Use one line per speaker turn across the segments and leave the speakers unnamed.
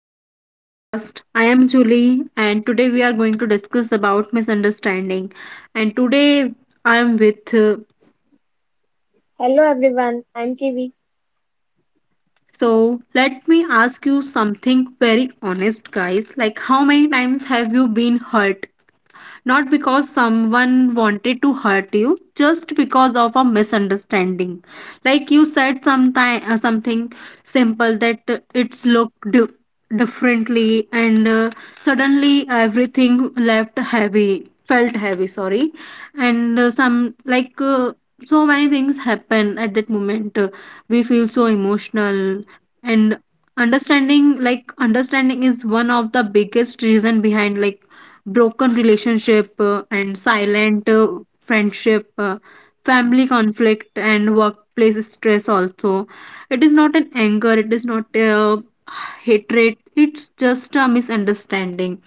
Welcome to the podcast. I am Julie, and today we are going to discuss about misunderstanding. And today I am with.
Hello everyone, I'm K.V.
So let me ask you something very honest, guys. Like, how many times have you been hurt not because someone wanted to hurt you, just because of a misunderstanding? Like, you said sometime something simple, that it's looked differently, and suddenly everything left heavy felt heavy sorry and some like so many things happen at that moment. We feel so emotional, and understanding is one of the biggest reason behind, like, broken relationship, and silent friendship, family conflict, and workplace stress also. It is not an anger, it is not hatred, it's just a misunderstanding.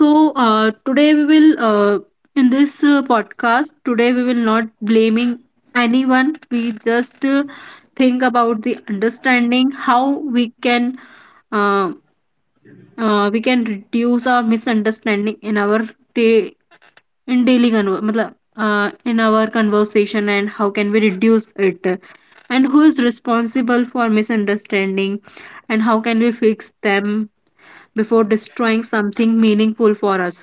So today we will In this podcast today we will not blaming anyone, we just think about the understanding, how we can uh, we can reduce our misunderstanding in our day in daily in our conversation, and how can we reduce it, and who is responsible for misunderstanding, and how can we fix them before destroying something meaningful for us.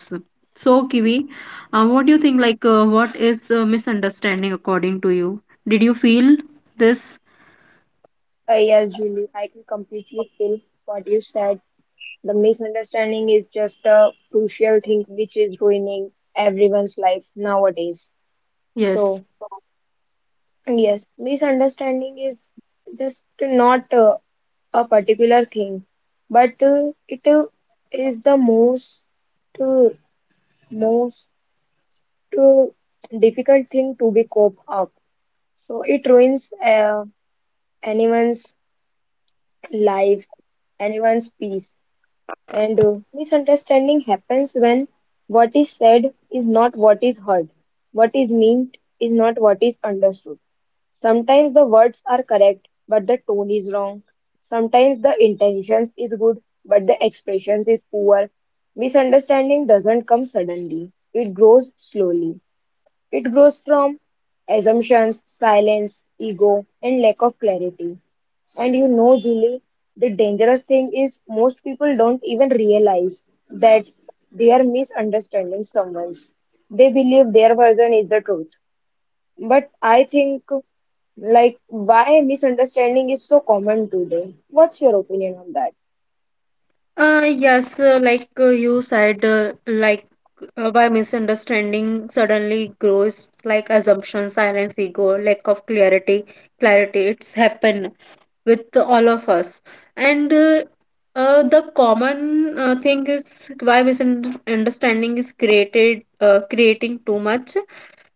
So, Kiwi, what do you think, like, what is misunderstanding according to you? Did you feel this?
Yes, Julie, I can completely feel what you said. The misunderstanding is just a crucial thing which is ruining everyone's life nowadays.
Yes.
So, yes, misunderstanding is just not a particular thing, but it is the most uh, most uh, difficult thing to be cope up. So it ruins anyone's lives, anyone's peace. And misunderstanding happens when what is said is not what is heard, what is meant is not what is understood. Sometimes the words are correct, but the tone is wrong. Sometimes the intentions is good, but the expressions is poor. Misunderstanding doesn't come suddenly. It grows slowly. It grows from assumptions, silence, ego, and lack of clarity. And you know, Julie, the dangerous thing is most people don't even realize that they are misunderstanding someone's. They believe their version is the truth. But I think, like, why misunderstanding is so common today? What's your opinion on that?
Yes, like you said, like by misunderstanding suddenly grows, like, assumption, silence, ego, lack of clarity. It's happened with all of us, and the common thing is why misunderstanding is creating too much.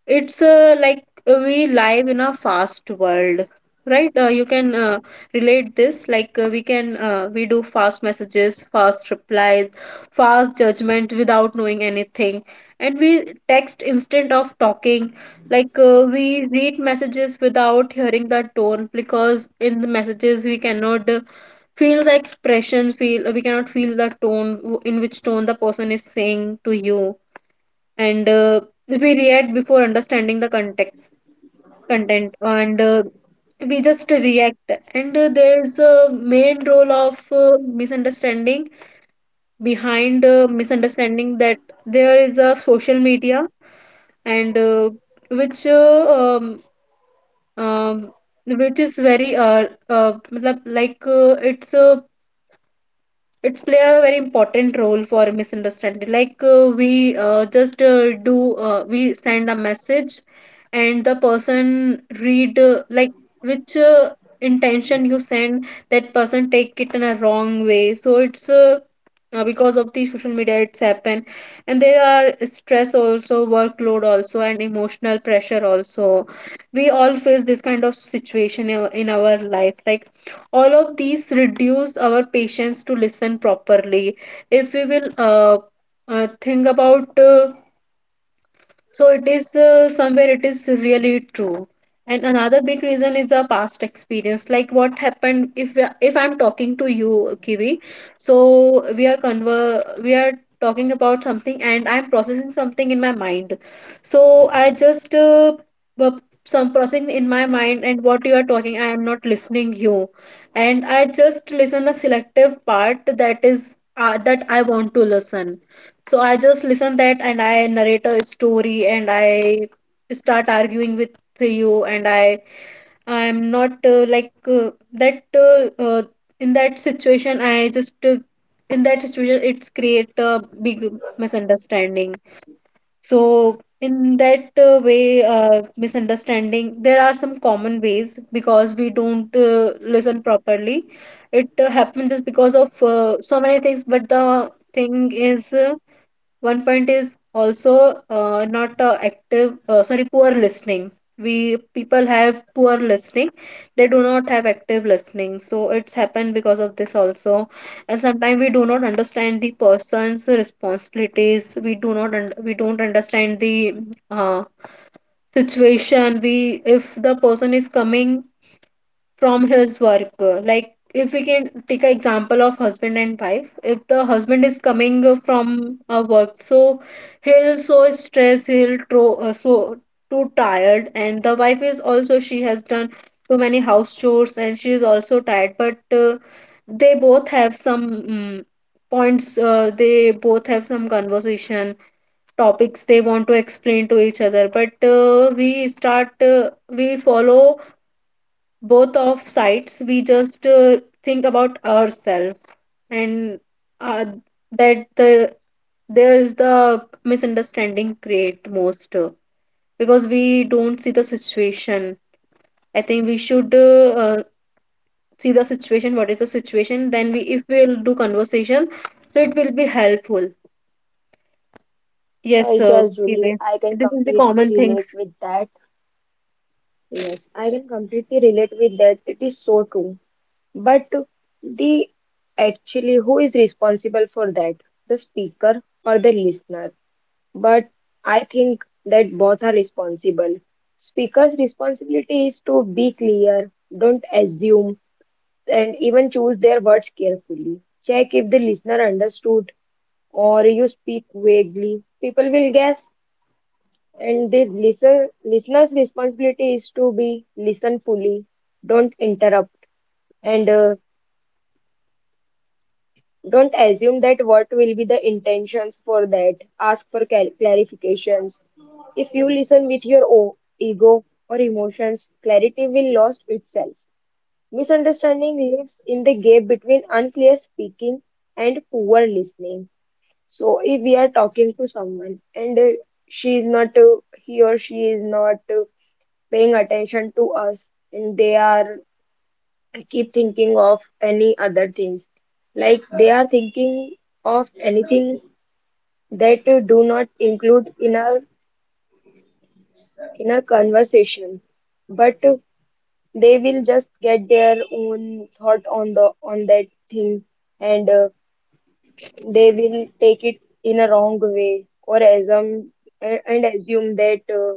It's we live in a fast world, right? You can relate this, like, we do fast messages, fast replies, fast judgment without knowing anything. And we text instead of talking. Like, we read messages without hearing the tone, because in the messages we cannot feel the expression feel we cannot feel the tone, in which tone the person is saying to you. And we react before understanding the context content. And we just react. And there is a main role of misunderstanding, that there is a social media, and which uh, um, um, which is very matlab, like it's a it's play a very important role for misunderstanding. Like, we just do we send a message, and the person read like which intention you send, that person take it in a wrong way. So it's Because of the social media it's happened. And there are stress also, workload also, and emotional pressure also. We all face this kind of situation in our life. Like, all of these reduce our patience to listen properly. If we will think about So it is, somewhere it is really true. And another big reason is a past experience. Like, what happened if if I'm talking to you, Kiwi, so we are conver we are talking about something, and I'm processing something in my mind. So I just uh, bu- some processing in my mind, and what you are talking, I am not listening you. And I just listen the selective part, that is that I want to listen. So I just listen that, and I narrate a story, and I start arguing with you. And I I'm not like that in that situation I just In that situation, it's create a big misunderstanding. So in that way, misunderstanding, there are some common ways because we don't listen properly. It happens just because of so many things, but the thing is, one point is also not poor listening. We people have poor listening. They do not have active listening. So it's happened because of this also. And sometimes we do not understand the person's responsibilities. We do not un- we don't understand the uh, situation. We If the person is coming from his work, like, if we can take an example of husband and wife, if the husband is coming from a work, so he'll so stressed, he'll too tired, and the wife is also, she has done too many house chores, and she is also tired, but uh, they both have some points, they both have some conversation topics they want to explain to each other, but we follow both of sides, we just think about ourselves, and uh, that the there is the misunderstanding create most, because we don't see the situation. I think we should see the situation, what is the situation, then we, if we'll do conversation, so it will be helpful. Yes,
Uh,
sir.
yes, Julie,
Okay.
I can
This is the
completely
common things.
relate with that. Yes, I can completely relate with that. It is so true. But the actually who is responsible for that? The speaker or the listener? But I think that both are responsible. Speaker's responsibility is to be clear, don't assume, and even choose their words carefully. Check if the listener understood or you speak vaguely. People will guess, and the listener's responsibility is to be listen fully, don't interrupt. And Don't assume that what will be the intentions for that. Ask for clarifications. If you listen with your ego or emotions, clarity will lost itself. Misunderstanding lives in the gap between unclear speaking and poor listening. So if we are talking to someone and she is not, he or she is not paying attention to us, and they are and keep thinking of any other things like they are thinking of anything that do not include in our conversation but they will just get their own thought on the on that thing and they will take it in a wrong way or assume and assume that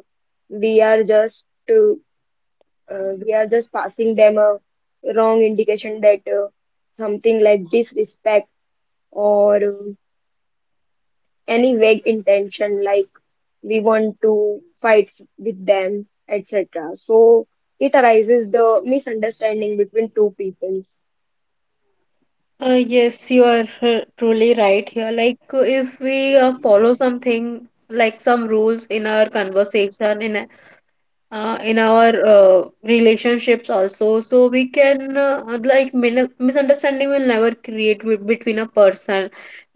we are just uh, we are just passing them a wrong indication that something like disrespect or any vague intention like we want to fight with them, etc. So it arises the misunderstanding between two peoples.
Yes, you are truly right here. Like, if we follow something like some rules in our conversation, in our relationships also, so we can, like, min misunderstanding will never create w between a person.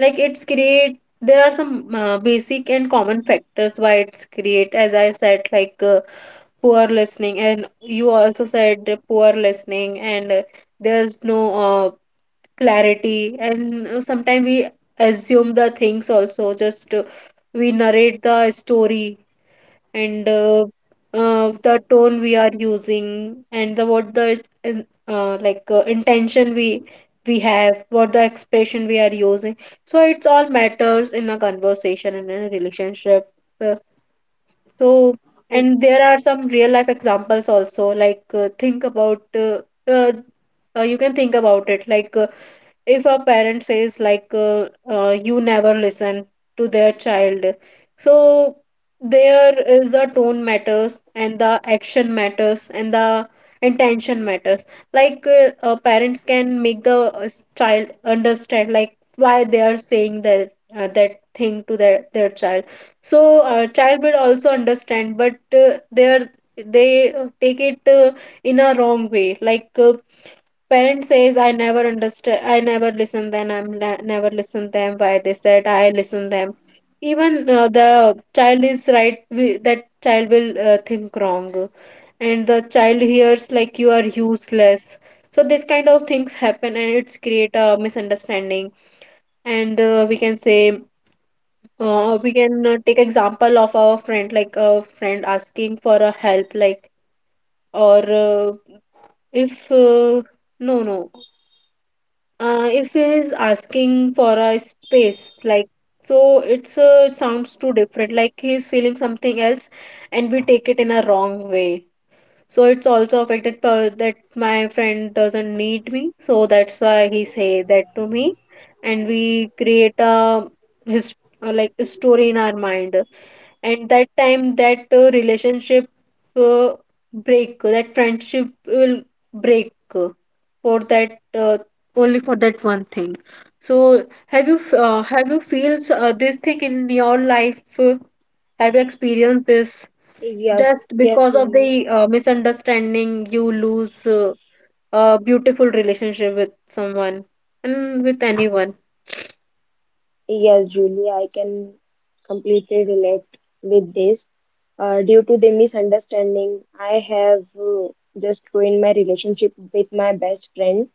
Like, it's create. There are some basic and common factors why it's create. As I said, like, poor listening, and you also said poor listening, and there's no uh, clarity, and sometimes we assume the things also. Just We narrate the story, and the tone we are using, and the what the intention we have, what the expression we are using, so it's all matters in a conversation and in a relationship. Uh, so, and there are some real life examples also. Like think about uh, you can think about it, like, if a parent says, like, "You never listen" to their child, so there is a tone matters, and the action matters, and the intention matters. Like, parents can make the child understand like why they are saying that thing to their child. So child will also understand, but uh, they are they take it in a wrong way. Like, parent says, "I never understand. I never listen them. I'm never listen them. Why they said I listen them." Even the child is right. We, that child will think wrong, and the child hears like you are useless. So this kind of things happen, and it's create a misunderstanding. And we can take example of our friend, like a friend asking for a help, like, or if no, no. If he is asking for a space, like, so, it's sounds too different. Like, he is feeling something else, and we take it in a wrong way. So it's also affected that my friend doesn't need me, so that's why he say that to me. And we create a his like a story in our mind. And that time, that relationship uh, that friendship will break for that only for that one thing. So have have you feels this thing in your life? Have you experienced this?
Yes,
Just
yes,
because of
Julie.
the misunderstanding you lose a beautiful relationship with someone and with anyone.
Yes, Julie, I can completely relate with this. Due to the misunderstanding, I have just ruined my relationship with my best friend,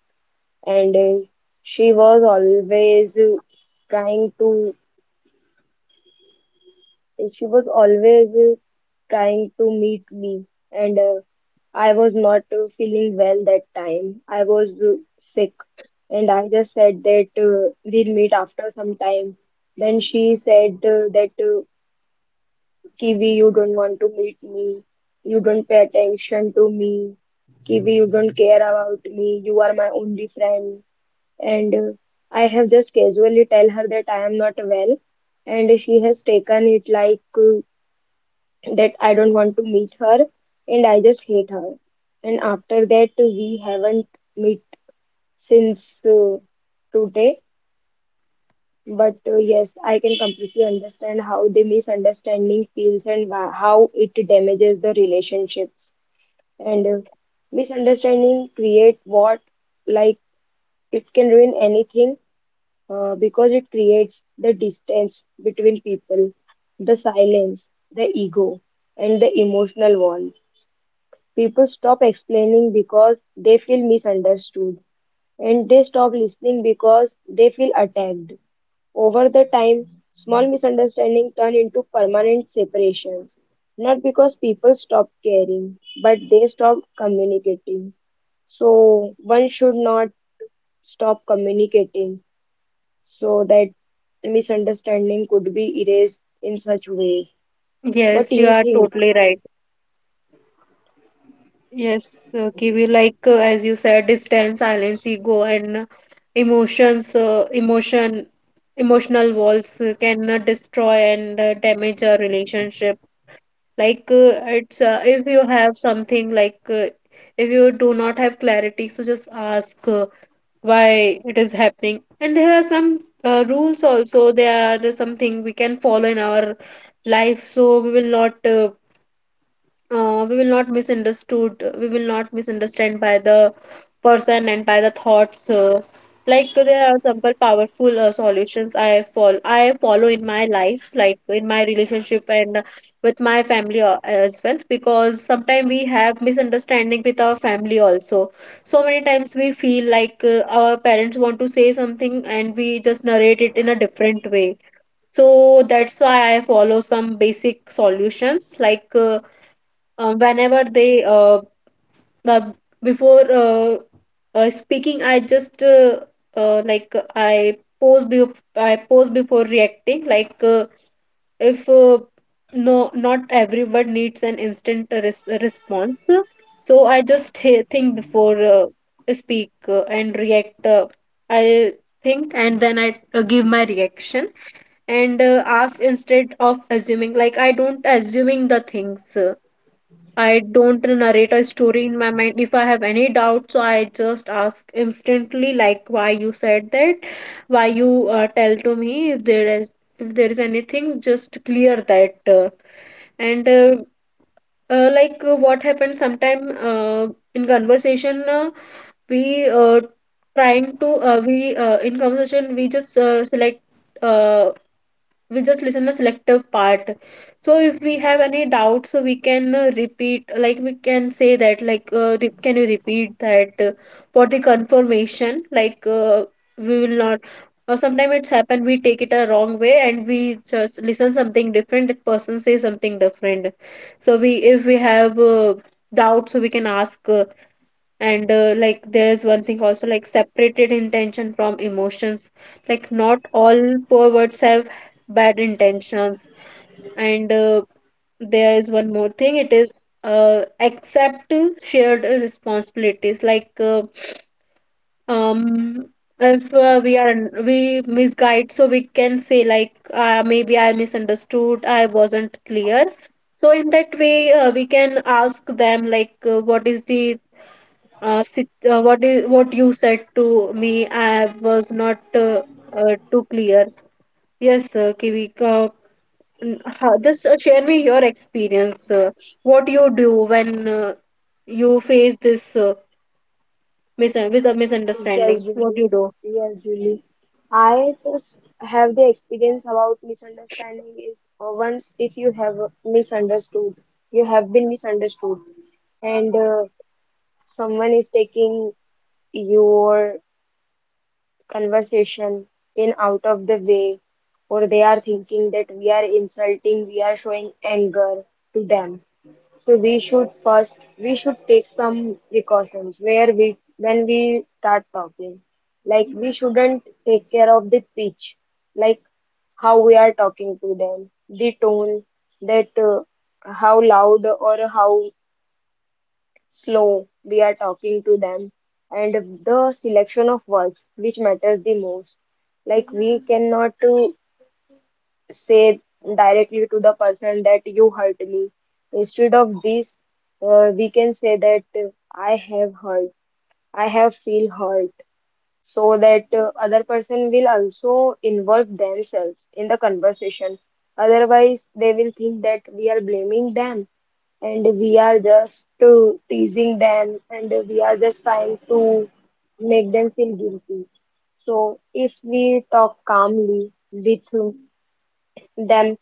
and she was always trying to, she was always trying to meet me and I was not feeling well that time. I was sick and I just said that we'll meet after some time. Then she said that kiwi, you don't want to meet me, you don't pay attention to me. Kiwi, you don't care about me, you are my only friend. And I have just casually tell her that I am not well, and she has taken it like that I don't want to meet her and I just hate her. And after that, we haven't met since today. But yes, I can completely understand how the misunderstanding feels and how it damages the relationships. And Misunderstanding create what, like, it can ruin anything because it creates the distance between people, the silence, the ego, and the emotional wall. People stop explaining because they feel misunderstood, and they stop listening because they feel attacked. Over the time, small misunderstandings turn into permanent separations, not because people stop caring, but they stop communicating. So, one should not stop communicating so that misunderstanding could be erased in such ways. What do
Yes, you
you
are
think?
totally right. Yes, Kiwi, as you said, distance, silence, ego, and emotions emotion emotional walls can destroy and damage a relationship. Like, it's if you have something, like, if you do not have clarity, so just ask why it is happening. And there are some rules also, there are something we can follow in our life, so we will not misunderstood, we will not misunderstand by the person and by the thoughts. Like, there are simple powerful solutions I follow in my life, like in my relationship and with my family, as well, because sometimes we have misunderstanding with our family also. So many times we feel like our parents want to say something, and we just narrate it in a different way. So that's why I follow some basic solutions. Like, whenever they uh, before speaking, I just uh, like uh, i pose bef- I pose before reacting. Like uh, if uh, no, not everyone needs an instant response. So I just think before speak and react. I think, and then I give my reaction. And ask instead of assuming. Like, I don't assuming the things. I don't narrate a story in my mind. If I have any doubt, I just ask instantly, like, why you said that, why you tell to me if there is anything, just clear that. And like What happened sometime in conversation, we trying to we in conversation we just select. Uh, we just listen the selective part. So if we have any doubt, so we can repeat, like we can say that, like, can you repeat that for the confirmation, like, we will not. Or sometimes it's happened we take it a wrong way and we just listen something different, that person say something different. So we, if we have doubt, so we can ask. And like there is one thing also, like, separated intention from emotions, like not all poor words have bad intentions. And there is one more thing, it is, accept shared responsibilities, like, um if we are, we misguide, so we can say, like, maybe I misunderstood, I wasn't clear. So in that way we can ask them, like, what is the what is what you said to me. I was not too clear. Yes, Kivik, just share me your experience. What you do when you face this with a misunderstanding?
Yes,
What
Julie.
you do?
Yes, Julie. I just have the experience about misunderstanding is, once if you have misunderstood, you have been misunderstood, and someone is taking your conversation in out of the way, or they are thinking that we are insulting, we are showing anger to them. So we should first we should take some precautions where we when we start talking. Like, we shouldn't take care of the pitch, like how we are talking to them, the tone, that how loud or how slow we are talking to them, and the selection of words which matters the most. Like, we cannot say directly to the person that you hurt me. Instead of this, we can say that I have hurt, I have feel hurt, so that other person will also involve themselves in the conversation. Otherwise, they will think that we are blaming them and we are just teasing them and we are just trying to make them feel guilty. So if we talk calmly with them,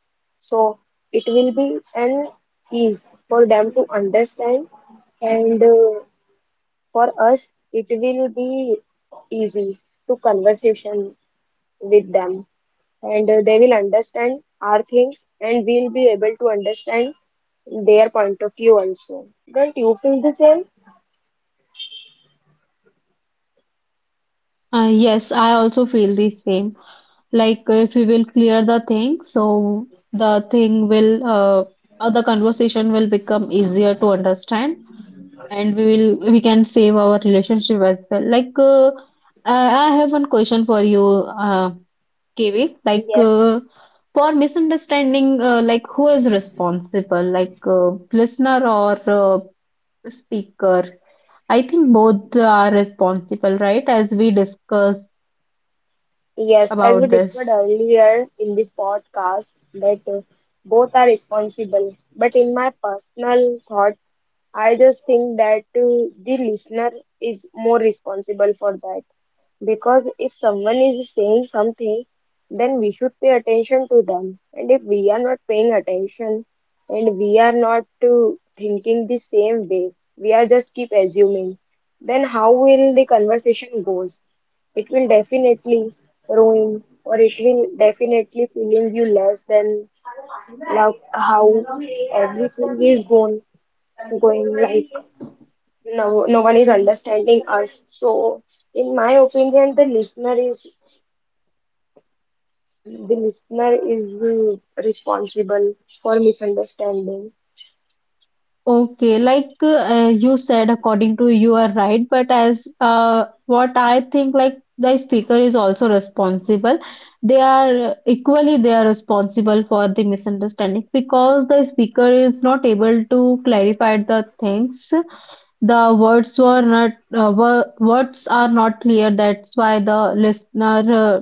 so it will be an ease for them to understand, and for us it will be easy to conversation with them, and they will understand our things and we'll be able to understand their point of view also. Don't you feel the same?
Yes, I also feel the same. Like, if we will clear the thing, so the thing will, the conversation will become easier to understand. And we will, we can save our relationship as well, like, I have one question for you, uh, Kivi, like,
Yes.
for misunderstanding, like, who is responsible, like, listener or uh, speaker? I think both are responsible, right, as we discussed
Yes, as we
about
discussed
this.
earlier in this podcast, that both are responsible. But in my personal thought, I just think that the listener is more responsible for that, because if someone is saying something, then we should pay attention to them. And if we are not paying attention and we are not thinking the same way, we are just keep assuming, then how will the conversation goes? It will definitely ruin, or it will definitely feeling you less than, like how everything is going like, no, no one is understanding us. So, in my opinion, the listener is responsible for misunderstanding.
Okay, like you said, according to you are right, but as what I think, like, the speaker is also responsible. They are equally, they are responsible for the misunderstanding, because the speaker is not able to clarify the things. The words were not words are not clear. That's why the listener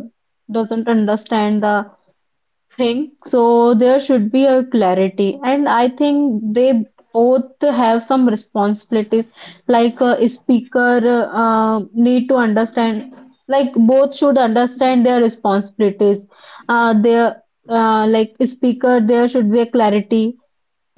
doesn't understand the thing. So there should be a clarity. And I think they both have some responsibilities, like a speaker need to understand, like both should understand their responsibilities. Their Like, speaker, there should be a clarity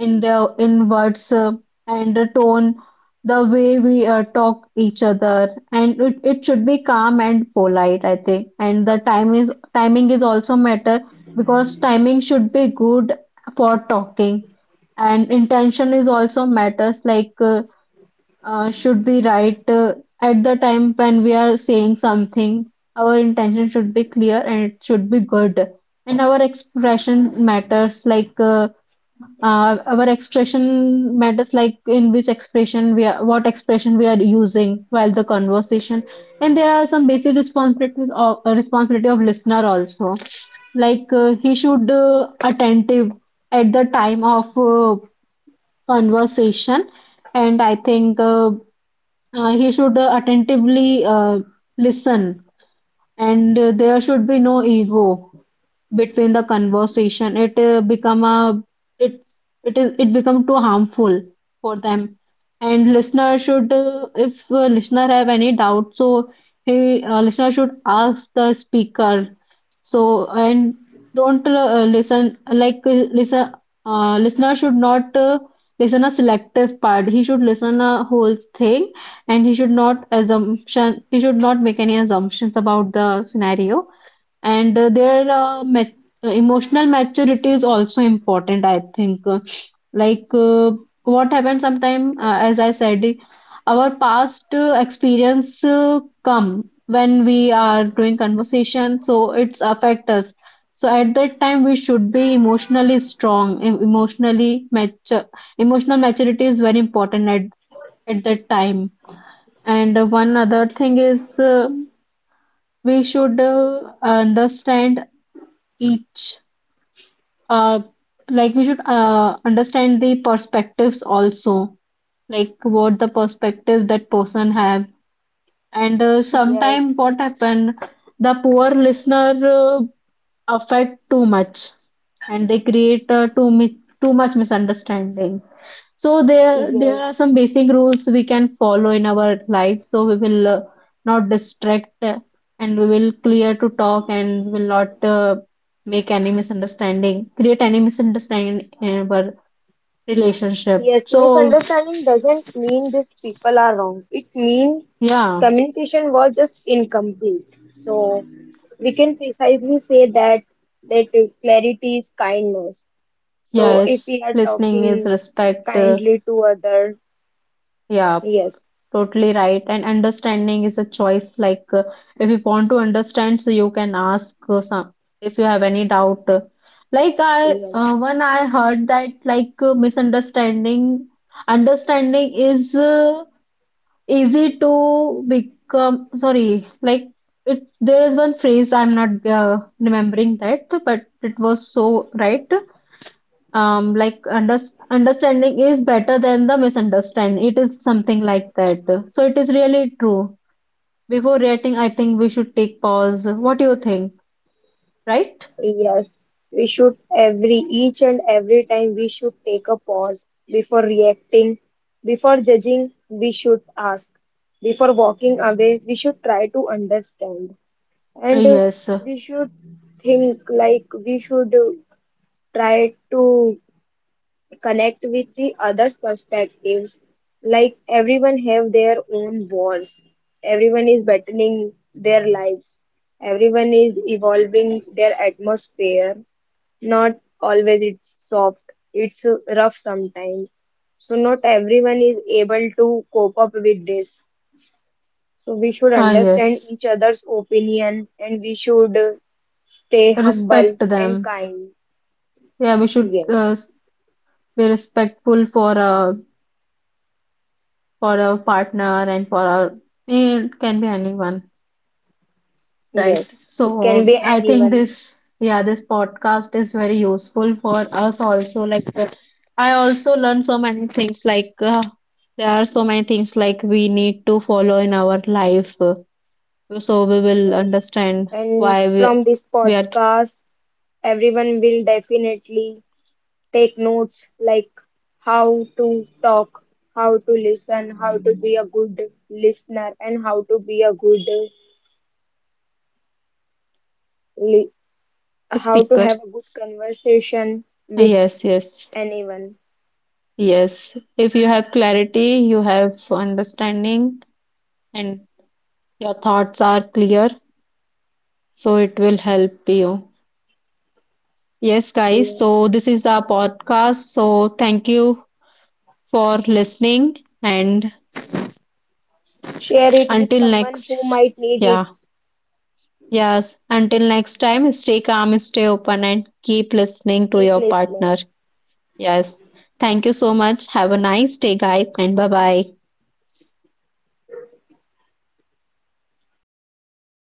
in the in words and the tone, the way we talk each other, and it should be calm and polite, I think. And the time is timing is also matter, because timing should be good for talking, and intention is also matters. Like, should be right at the time when we are saying something. Our intention should be clear and it should be good. And our expression matters, like. Our expression matters, like, in which expression we are, what expression we are using while the conversation. And there are some basic responsibilities of responsibility of listener also. Like, he should attentive at the time of conversation, and I think he should attentively listen, and there should be no ego between the conversation. It Become a, it's it is it become too harmful for them. And listener should, if listener have any doubt, so he, listener should ask the speaker. So, and don't listen listener should not listen a selective part, he should listen a whole thing. And he should not assumption, he should not make any assumptions about the scenario. And emotional maturity is also important, I think. Like uh, what happens sometime, as I said, our past experience come when we are doing conversation, so it's affect us. So at that time we should be emotionally strong, emotionally mature. Emotional maturity is very important at that time. And one other thing is, we should understand each, uh like, we should understand the perspectives also, like what the perspective that person have. And sometime
Yes,
what happen, the poor listener affect too much, and they create too much misunderstanding. So there
yes,
are some basic rules we can follow in our life. So we will not distract, and we will clear to talk, and we will not make any misunderstanding, create any misunderstanding in our relationship.
yes.
So,
Misunderstanding doesn't mean just people are wrong. It means
yeah.
communication was just incomplete. So, we can precisely say that that clarity is kindness. So, if
Yes,
we are
listening is
talking
respect.
kindly to other,
Yeah.
yes,
Totally right. And understanding is a choice. Like, if you want to understand, so you can ask some if you have any doubt. Like, I
yes.
when I heard that, like, misunderstanding, understanding is easy to become. Sorry, like, it there is one phrase I'm not remembering that, but it was so right. Like, understanding is better than the misunderstanding, it is something like that. So it is really true. Before reacting, I think we should take pause. What do you think? Right.
Yes, we should, every each and every time we should take a pause before reacting, before judging, we should ask, before walking away, we should try to understand, and
Yes.
we should think, like we should try to connect with the others perspectives, like everyone have their own wars, everyone is battling their lives, everyone is evolving their atmosphere. Not always it's soft, it's rough sometimes, so not everyone is able to cope up with this. So we should
Ah,
understand
yes.
each other's opinion, and we should stay
Respect
humble and
them.
kind.
Yeah, we should
Yes,
be respectful for, for our partner and for our, it can be anyone. Right.
yes, it can
So
be
I think
anyone.
this, yeah, this podcast is very useful for us also. Like, I also learned so many things. Like, there are so many things like we need to follow in our life, so we will
Yes.
understand
And
why we
from this
we are
podcast, everyone will definitely take notes, like how to talk, how to listen, how to be a good listener, and how to be a good, li-
a
how to
speaker.
have a good conversation with
Yes, yes,
anyone.
yes. If you have clarity, you have understanding, and your thoughts are clear, so it will help you. Yes, guys.
Yes.
So, this is our podcast. So, thank you for listening. And
Share it with
until
someone
next,
who might need it.
yeah, yes, until next time, stay calm, stay open, and keep listening to
Keep
your partner.
listening.
Yes. Thank you so much. Have a nice day, guys, and bye bye.